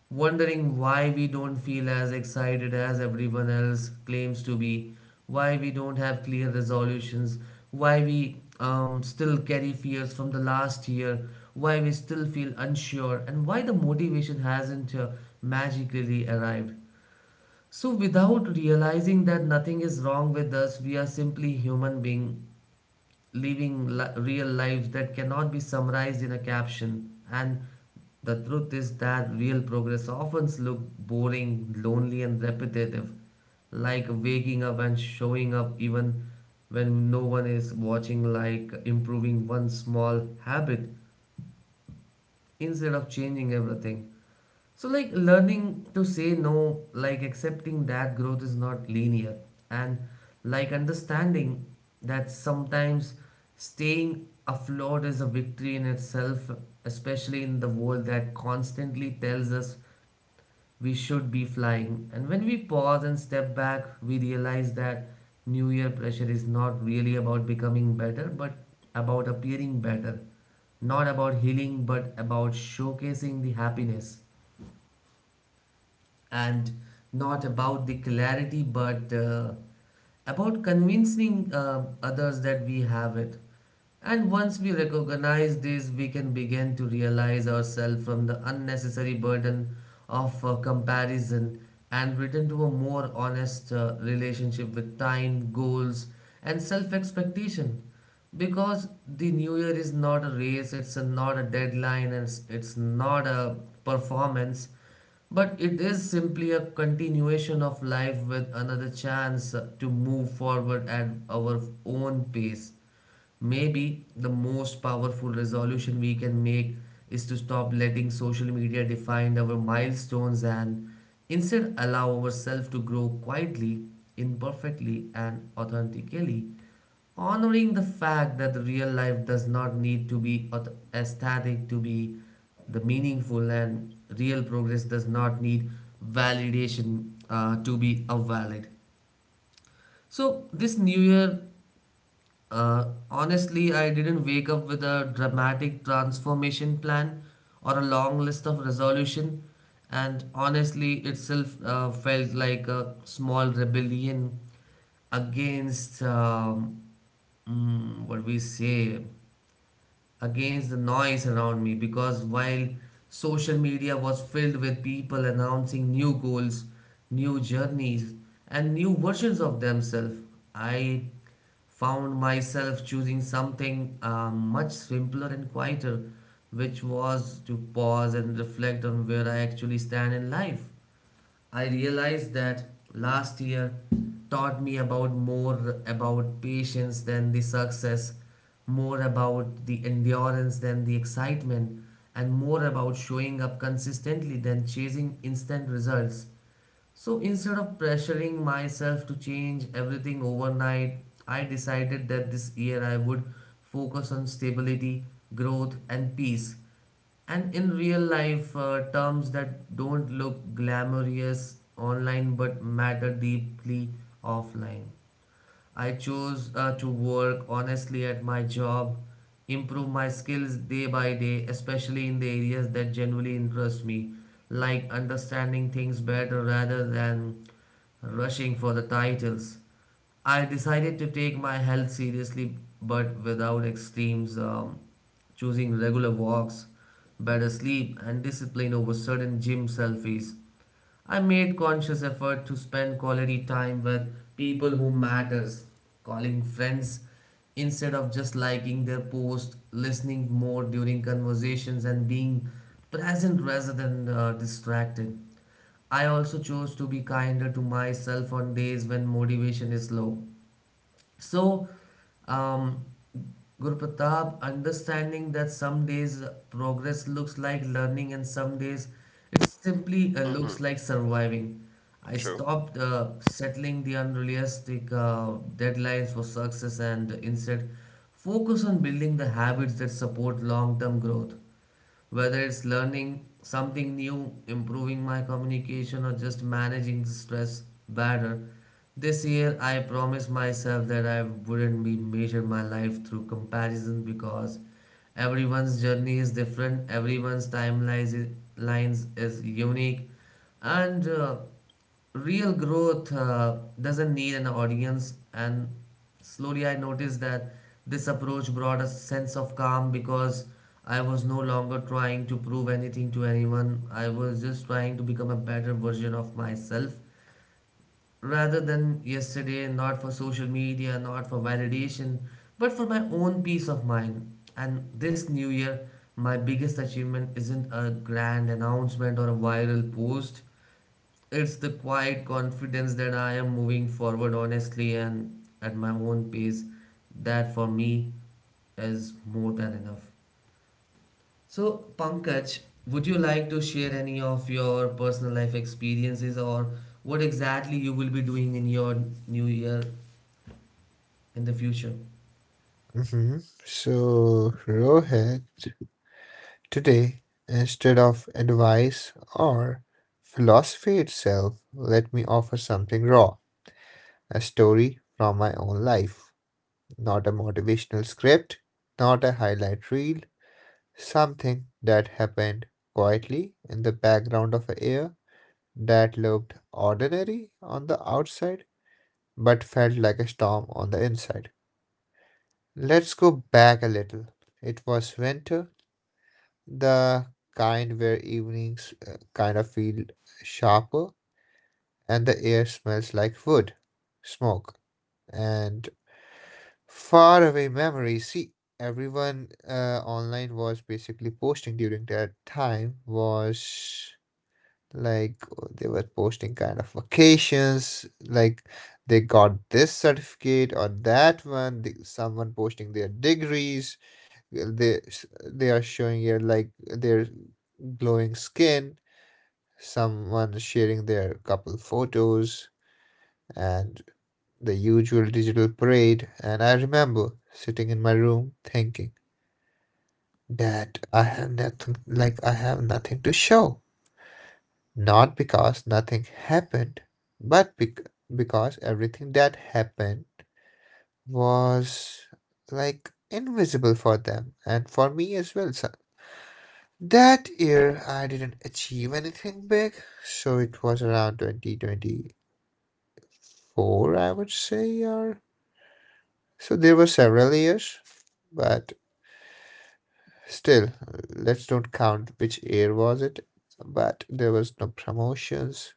[SPEAKER 1] wondering why we don't feel as excited as everyone else claims to be, why we don't have clear resolutions, why we um, still carry fears from the last year, why we still feel unsure, and why the motivation hasn't uh, magically arrived. So, without realizing that nothing is wrong with us, we are simply human beings living li- real life that cannot be summarized in a caption. And the truth is that real progress often looks boring, lonely, and repetitive, like waking up and showing up even when no one is watching, like improving one small habit instead of changing everything. So, like learning to say no, like accepting that growth is not linear, and like understanding that sometimes staying afloat is a victory in itself, especially in the world that constantly tells us we should be flying. And when we pause and step back, we realize that New Year pressure is not really about becoming better, but about appearing better, not about healing, but about showcasing the happiness, and not about the clarity, but uh, about convincing uh, others that we have it. And once we recognize this, we can begin to realize ourselves from the unnecessary burden of uh, comparison and return to a more honest uh, relationship with time, goals, and self expectation. Because the new year is not a race, it's a, not a deadline, and it's, it's not a performance, but it is simply a continuation of life with another chance to move forward at our own pace. Maybe the most powerful resolution we can make is to stop letting social media define our milestones and instead allow ourselves to grow quietly, imperfectly, and authentically. Honoring the fact that the real life does not need to be aut- aesthetic to be the meaningful, and real progress does not need validation uh, to be a valid. So this new year, uh, honestly, I didn't wake up with a dramatic transformation plan or a long list of resolution, and honestly, itself uh, felt like a small rebellion against um, mm, what we say against the noise around me, because while social media was filled with people announcing new goals, new journeys, and new versions of themselves, I found myself choosing something uh, much simpler and quieter, which was to pause and reflect on where I actually stand in life. I realized that last year taught me about more about patience than the success, more about the endurance than the excitement, and more about showing up consistently than chasing instant results. So instead of pressuring myself to change everything overnight, I decided that this year I would focus on stability, growth, and peace. And in real life uh, terms that don't look glamorous online but matter deeply offline. I chose uh, to work honestly at my job, improve my skills day by day, especially in the areas that genuinely interest me, like understanding things better rather than rushing for the titles. I decided to take my health seriously but without extremes, um, choosing regular walks, better sleep, and discipline over certain gym selfies. I made conscious effort to spend quality time with people who matters, calling friends instead of just liking their post, listening more during conversations and being present rather than uh, distracted. I also chose to be kinder to myself on days when motivation is low. So, um, Guru Pratap, understanding that some days progress looks like learning and some days it simply uh,
[SPEAKER 3] Hmm.
[SPEAKER 1] looks like surviving. I
[SPEAKER 3] True.
[SPEAKER 1] stopped uh, settling the unrealistic uh, deadlines for success and instead focus on building the habits that support long term growth. Whether it's learning something new, improving my communication, or just managing the stress better, this year I promised myself that I wouldn't be measure my life through comparison because everyone's journey is different, everyone's timeline is, lines is unique, and uh, real growth uh, doesn't need an audience. And slowly I noticed that this approach brought a sense of calm, because I was no longer trying to prove anything to anyone. I was just trying to become a better version of myself rather than yesterday, not for social media, not for validation, but for my own peace of mind. And this new year, my biggest achievement isn't a grand announcement or a viral post. It's the quiet confidence that I am moving forward honestly and at my own pace. That for me is more than enough. So, Pankaj, would you like to share any of your personal life experiences or what exactly you will be doing in your new year in the future?
[SPEAKER 2] Hmm. So Rohit, today, instead of advice or philosophy itself, let me offer something raw, a story from my own life, not a motivational script, not a highlight reel, something that happened quietly in the background of air that looked ordinary on the outside but felt like a storm on the inside. Let's go back a little. It was winter, the kind where evenings uh, kind of feel sharper and the air smells like wood, smoke, and faraway memories. See, everyone uh, online was basically posting during that time was like uh, they were posting kind of vacations, like they got this certificate or that one, the, someone posting their degrees, uh, they they are showing here like their glowing skin, someone sharing their couple photos, and the usual digital parade. And I remember sitting in my room thinking that i have nothing like I have nothing to show. Not because nothing happened, but bec- because everything that happened was like invisible for them and for me as well. So that year I didn't achieve anything big, so it was around twenty twenty-four, I would say, or so there were several years, but still, let's don't count which year was it. But there was no promotions,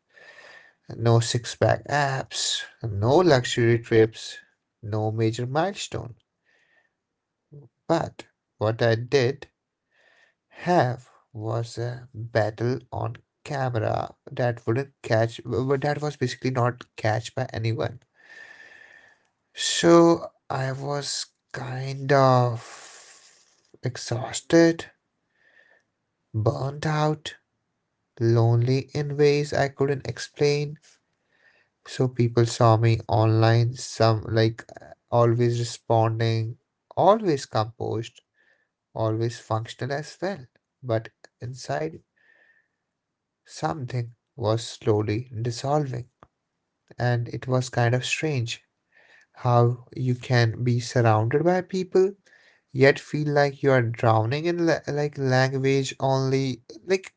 [SPEAKER 2] no six pack abs, no luxury trips, no major milestone. But what I did have was a battle on camera that wouldn't catch, w- that was basically not catched by anyone. So I was kind of exhausted, burnt out, lonely in ways I couldn't explain. So people saw me online, some like always responding, always composed, always functional as well. But inside, something was slowly dissolving, and it was kind of strange how you can be surrounded by people yet feel like you are drowning in la- like language only, like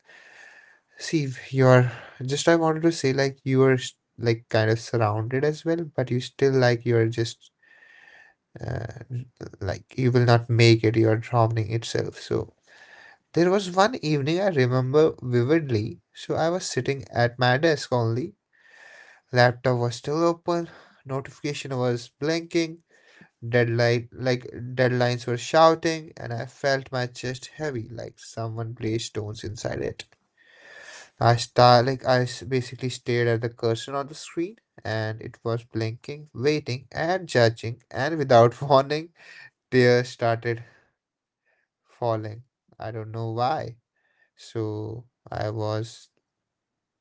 [SPEAKER 2] see you're just I wanted to say like you are s- like kind of surrounded as well but you still like you're just uh, like you will not make it, you are drowning itself. So there was one evening I remember vividly, so I was sitting at my desk only, laptop was still open, notification was blinking, deadline like deadlines were shouting, and I felt my chest heavy like someone placed stones inside it. I star like i s- basically stared at the cursor on the screen, and it was blinking, waiting, and judging. And without warning, tears started falling. I don't know why. So I was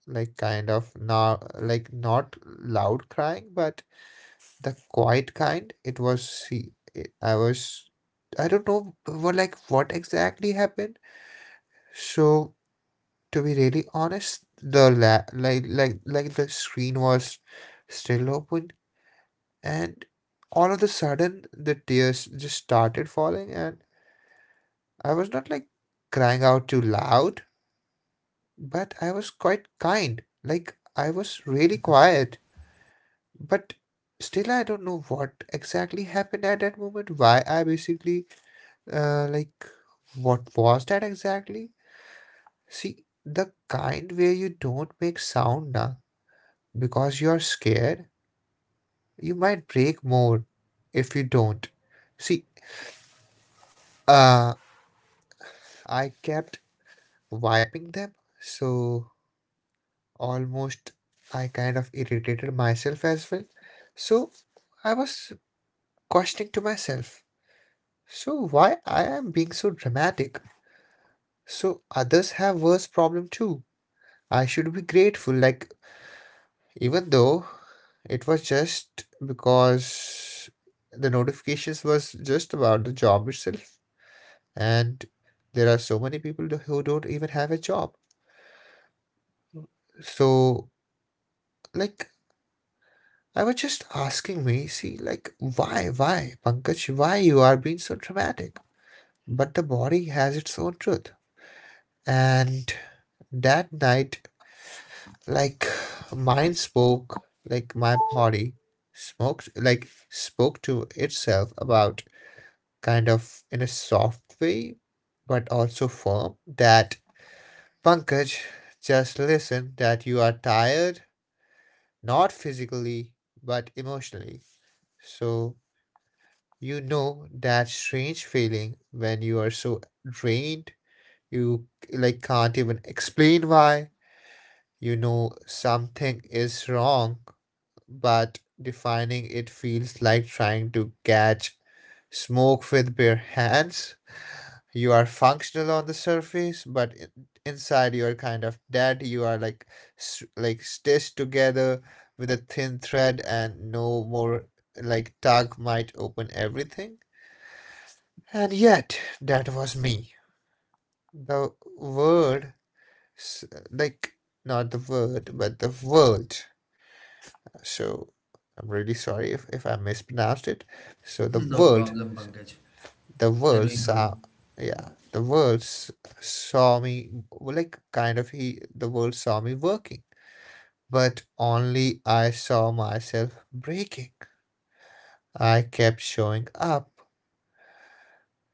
[SPEAKER 2] like kind of now like not loud crying, but the quiet kind. It was see it- I was I don't know what like what exactly happened. So to be really honest, the la- like like like the screen was still open, and all of a sudden the tears just started falling and I was not like crying out too loud. But I was quite kind. Like, I was really quiet. But still, I don't know what exactly happened at that moment. Why I basically, uh, like, what was that exactly? See, the kind where you don't make sound now because you're scared, you might break more if you don't. See, uh, I kept wiping them, so almost I kind of irritated myself as well. So I was questioning to myself, so why I am being so dramatic? So others have worse problem too, I should be grateful, like, even though it was just because the notifications was just about the job itself and there are so many people who don't even have a job. So like I was just asking me, see, like why why Pankaj, why you are being so dramatic? But the body has its own truth. And that night, like mine spoke, like my body smoked, like spoke to itself about kind of in a soft way, but also firm that Pankaj, just listen that you are tired, not physically, but emotionally. So you know that strange feeling when you are so drained, you like can't even explain why. You know something is wrong, but defining it feels like trying to catch smoke with bare hands. You are functional on the surface, but in- inside you are kind of dead. You are like s- like stitched together with a thin thread, and no more like tug might open everything. And yet, that was me. The word, s- like Not the word, but the world. So I'm really sorry if, if I mispronounced it. So the
[SPEAKER 1] No
[SPEAKER 2] world,
[SPEAKER 1] problem, Pankaj.
[SPEAKER 2] the
[SPEAKER 1] You're
[SPEAKER 2] world
[SPEAKER 1] doing good.
[SPEAKER 2] saw, yeah, the world s- saw me, well, like kind of he, the world saw me working, but only I saw myself breaking. I kept showing up,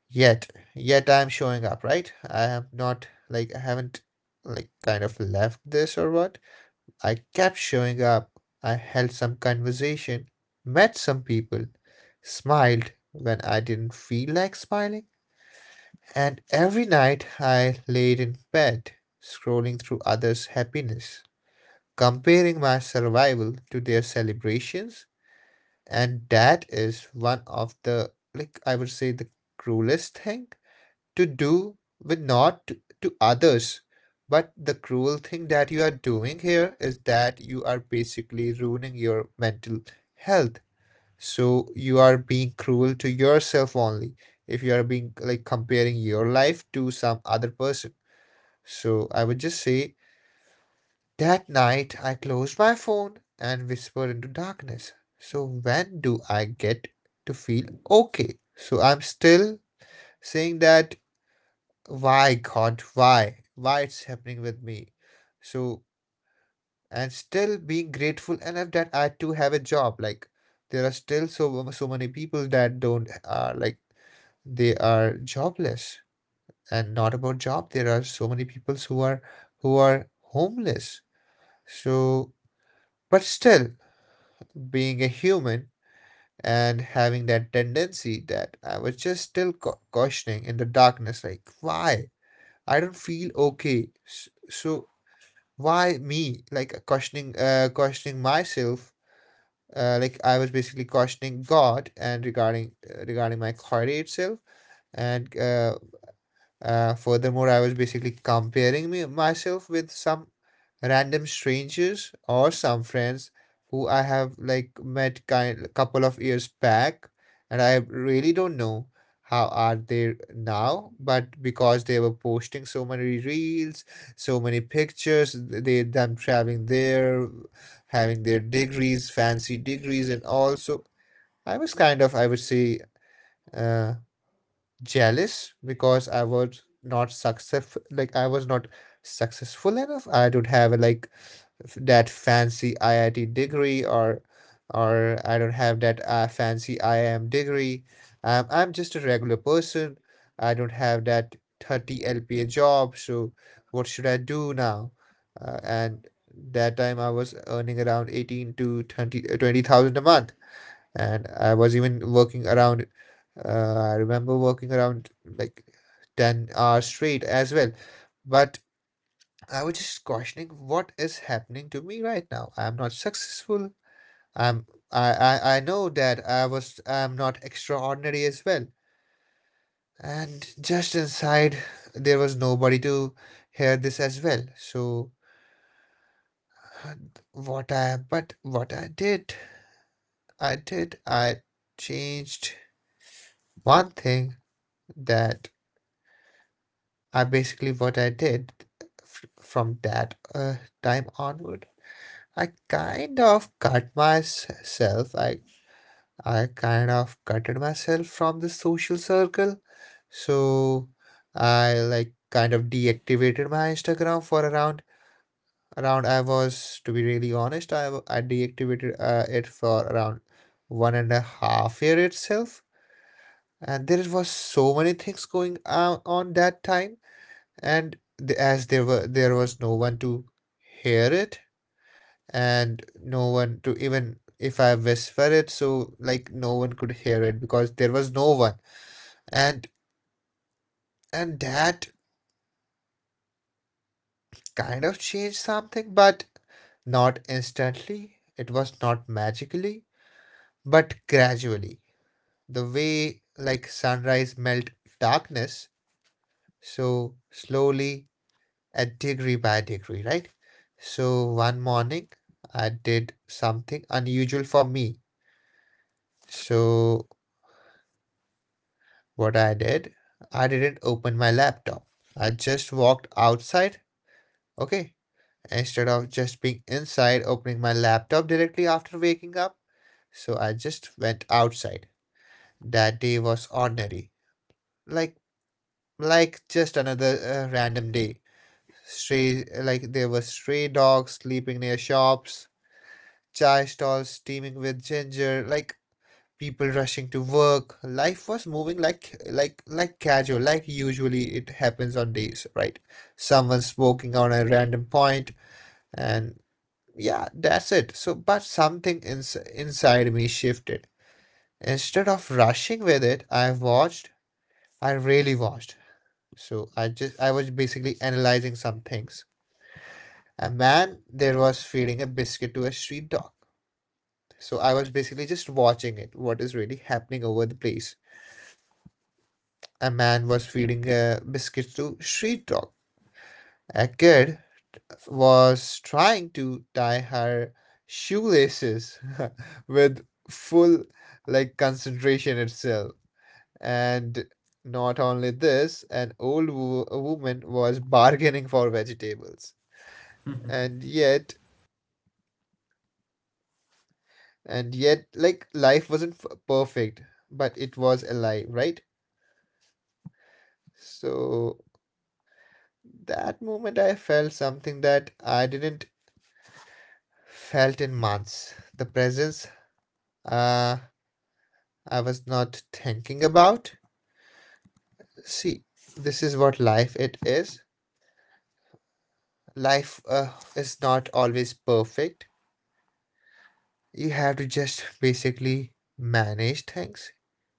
[SPEAKER 2] yet, yet I'm showing up, right? I have not, like, I haven't, like, kind of left this or what? I kept showing up. I held some conversation, met some people, smiled when I didn't feel like smiling, and every night I laid in bed, scrolling through others' happiness, comparing my survival to their celebrations. And that is one of the, like, I would say, the cruelest thing to do with not to, to others. But the cruel thing that you are doing here is that you are basically ruining your mental health. So you are being cruel to yourself only if you are being like comparing your life to some other person. So I would just say that night I closed my phone and whispered into darkness. So when do I get to feel okay? So I'm still saying that why God, why why it's happening with me. So and still being grateful enough that I too have a job, like there are still so so many people that don't uh, like they are jobless, and not about job, there are so many people who are who are homeless. So but still, being a human and having that tendency that I was just still cau- cautioning in the darkness, like why I don't feel okay. S- so why me, like uh, questioning uh, questioning myself, uh, like I was basically questioning God and regarding uh, regarding my clarity itself. And uh, uh, furthermore, I was basically comparing me myself with some random strangers or some friends who I have like met kind couple of years back, and I really don't know how are they now. But because they were posting so many reels, so many pictures, they them traveling there, having their degrees, fancy degrees, and also I was kind of, I would say, uh jealous because I was not success like I was not successful enough. I don't have like f- that fancy I I T degree or or I don't have that uh, fancy I I M degree. Um, I'm just a regular person. I don't have that thirty L P A job, so what should I do now? Uh, and that time I was earning around eighteen to twenty uh, twenty thousand a month and I was even working around. Uh, I remember working around like ten hours straight as well. But I was just questioning what is happening to me right now. I'm not successful. I'm I, I, I know that I was I'm not extraordinary as well. And just inside there was nobody to hear this as well. So what I but what I did, I did I changed one thing that I basically what I did f- from that uh, time onward. I kind of cut myself. I I kind of cutted myself from the social circle. So I like kind of deactivated my Instagram for around around I was to be really honest, I w- I deactivated uh, it for around one and a half year itself. And there was so many things going on on that time and th- as there were there was no one to hear it and no one to even if I whisper it, so like no one could hear it because there was no one. And and that kind of changed something, but not instantly. It was not magically, but gradually, the way like sunrise melt darkness, so slowly, at degree by degree, right? So one morning I did something unusual for me. So what I did, I didn't open my laptop. I just walked outside, okay? Instead of just being inside, opening my laptop directly after waking up. So I just went outside. That day was ordinary, Like like just another uh, random day. Stray like There were stray dogs sleeping near shops, chai stalls steaming with ginger, like people rushing to work. Life was moving like like like casual, like usually it happens on days, right? Someone smoking on a random point, and yeah, that's it. So, but something ins- inside me shifted. Instead of rushing with it, I watched. I really watched. So I just I was basically analyzing some things. A man there was feeding a biscuit to a street dog. So I was basically just watching it, what is really happening over the place. A man was feeding a biscuit to street dog. A kid was trying to tie her shoelaces with full like concentration itself. And not only this, an old wo- woman was bargaining for vegetables. And yet, and yet, like life wasn't f- perfect, but it was alive, right? So that moment I felt something that I didn't felt in months. The presence. uh, I was not thinking about. See, this is what life it is. Life uh, is not always perfect. You have to just basically manage things.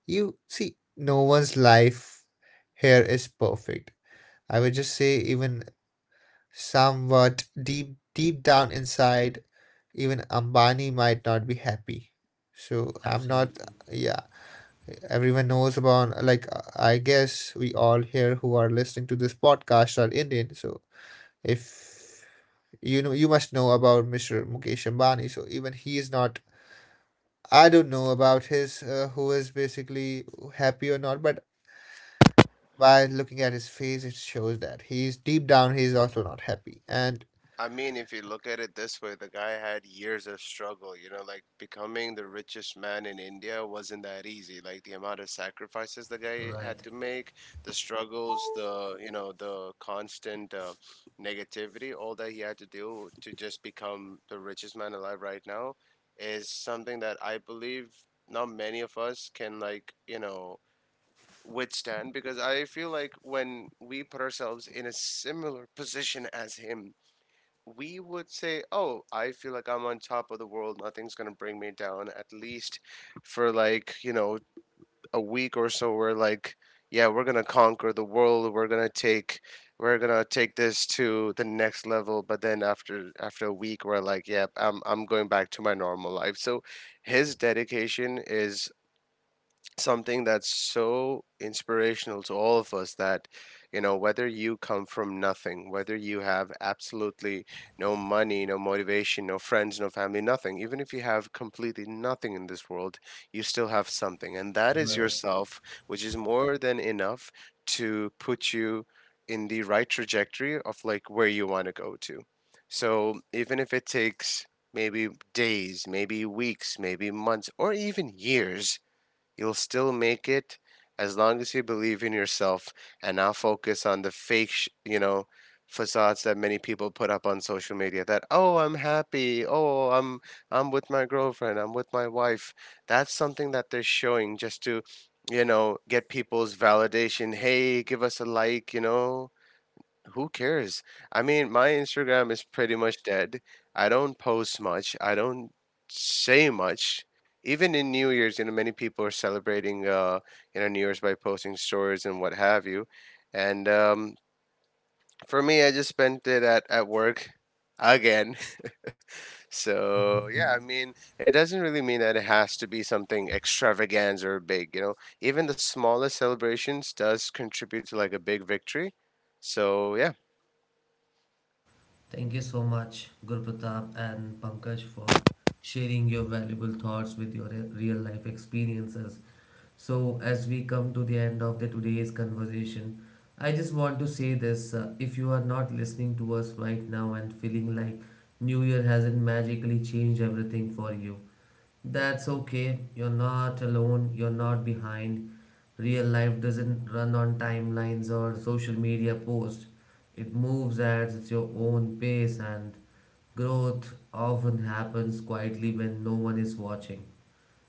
[SPEAKER 2] You see, no one's life here is perfect. I would just say, even somewhat deep deep down inside, even Ambani might not be happy. So I'm not.
[SPEAKER 1] Absolutely.
[SPEAKER 2] Yeah, everyone knows about. Like, I guess we all here who are listening to this podcast are Indian. So if you know, you must know about mister Mukesh Ambani. So even he is not. I don't know about his uh, who is basically happy or not, but by looking at his face, it shows that he's deep down he's also not happy. And
[SPEAKER 3] I mean, if you look at it this way, the guy had years of struggle, you know, like becoming the richest man in India wasn't that easy. Like the amount of sacrifices the guy had
[SPEAKER 1] Right.
[SPEAKER 3] to make, the struggles, the, you know, the constant uh, negativity, all that he had to do to just become the richest man alive right now is something that I believe not many of us can, like, you know, withstand, because I feel like when we put ourselves in a similar position as him, we would say, "Oh, I feel like I'm on top of the world. Nothing's gonna bring me down." At least for like, you know, a week or so, we're like, "Yeah, we're gonna conquer the world. We're gonna take, we're gonna take this to the next level." But then after after a week, we're like, "Yeah, I'm I'm going back to my normal life." So his dedication is something that's so inspirational to all of us, that you know, whether you come from nothing, whether you have absolutely no money, no motivation, no friends, no family, nothing, even if you have completely nothing in this world, you still have something, and that is
[SPEAKER 1] Right.
[SPEAKER 3] yourself, which is more than enough to put you in the right trajectory of like where you want to go to. So even if it takes maybe days, maybe weeks, maybe months, or even years, you'll still make it as long as you believe in yourself and not focus on the fake, sh- you know, facades that many people put up on social media, that oh, I'm happy. Oh, I'm I'm with my girlfriend. I'm with my wife. That's something that they're showing just to, you know, get people's validation. Hey, give us a like, you know. Who cares? I mean, my Instagram is pretty much dead. I don't post much. I don't say much. Even in New Year's, you know, many people are celebrating, uh, you know, New Year's by posting stories and what have you. And um, for me, I just spent it at, at work again. So, yeah, I mean, it doesn't really mean that it has to be something extravagant or big, you know. Even the smallest celebrations does contribute to like a big victory. So, yeah.
[SPEAKER 1] Thank you so much, Guru Pratap and Pankaj, for sharing your valuable thoughts with your real life experiences. So, as we come to the end of the today's conversation, I just want to say this: uh, if you are not listening to us right now and feeling like New Year hasn't magically changed everything for you, that's okay. You're not alone. You're not behind. Real life doesn't run on timelines or social media posts. It moves at its your own pace, and growth often happens quietly when no one is watching.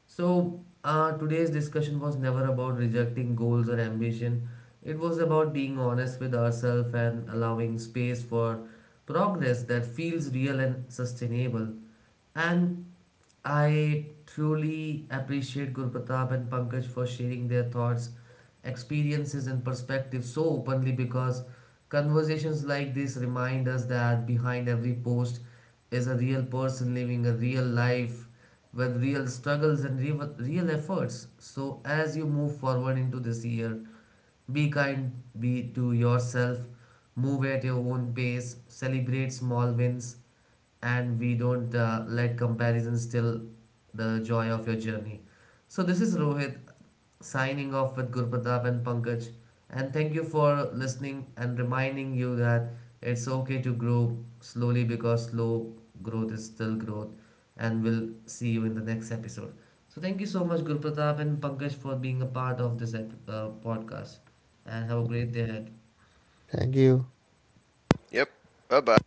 [SPEAKER 1] So, uh, today's discussion was never about rejecting goals or ambition. It was about being honest with ourselves and allowing space for progress that feels real and sustainable. And I truly appreciate Guru Pratap and Pankaj for sharing their thoughts, experiences, and perspectives so openly, because conversations like this remind us that behind every post is a real person living a real life with real struggles and real, real efforts. So, as you move forward into this year, be kind, be to yourself, move at your own pace, celebrate small wins, and we don't uh, let comparison steal the joy of your journey. So this is Rohit signing off with Gurpratap and Pankaj, and thank you for listening and reminding you that it's okay to grow slowly, because slow growth is still growth, and we'll see you in the next episode. So thank you so much Gurpratap and Pankaj for being a part of this ep- uh, podcast and have a great day ahead.
[SPEAKER 2] thank you.
[SPEAKER 3] Yep. Bye bye.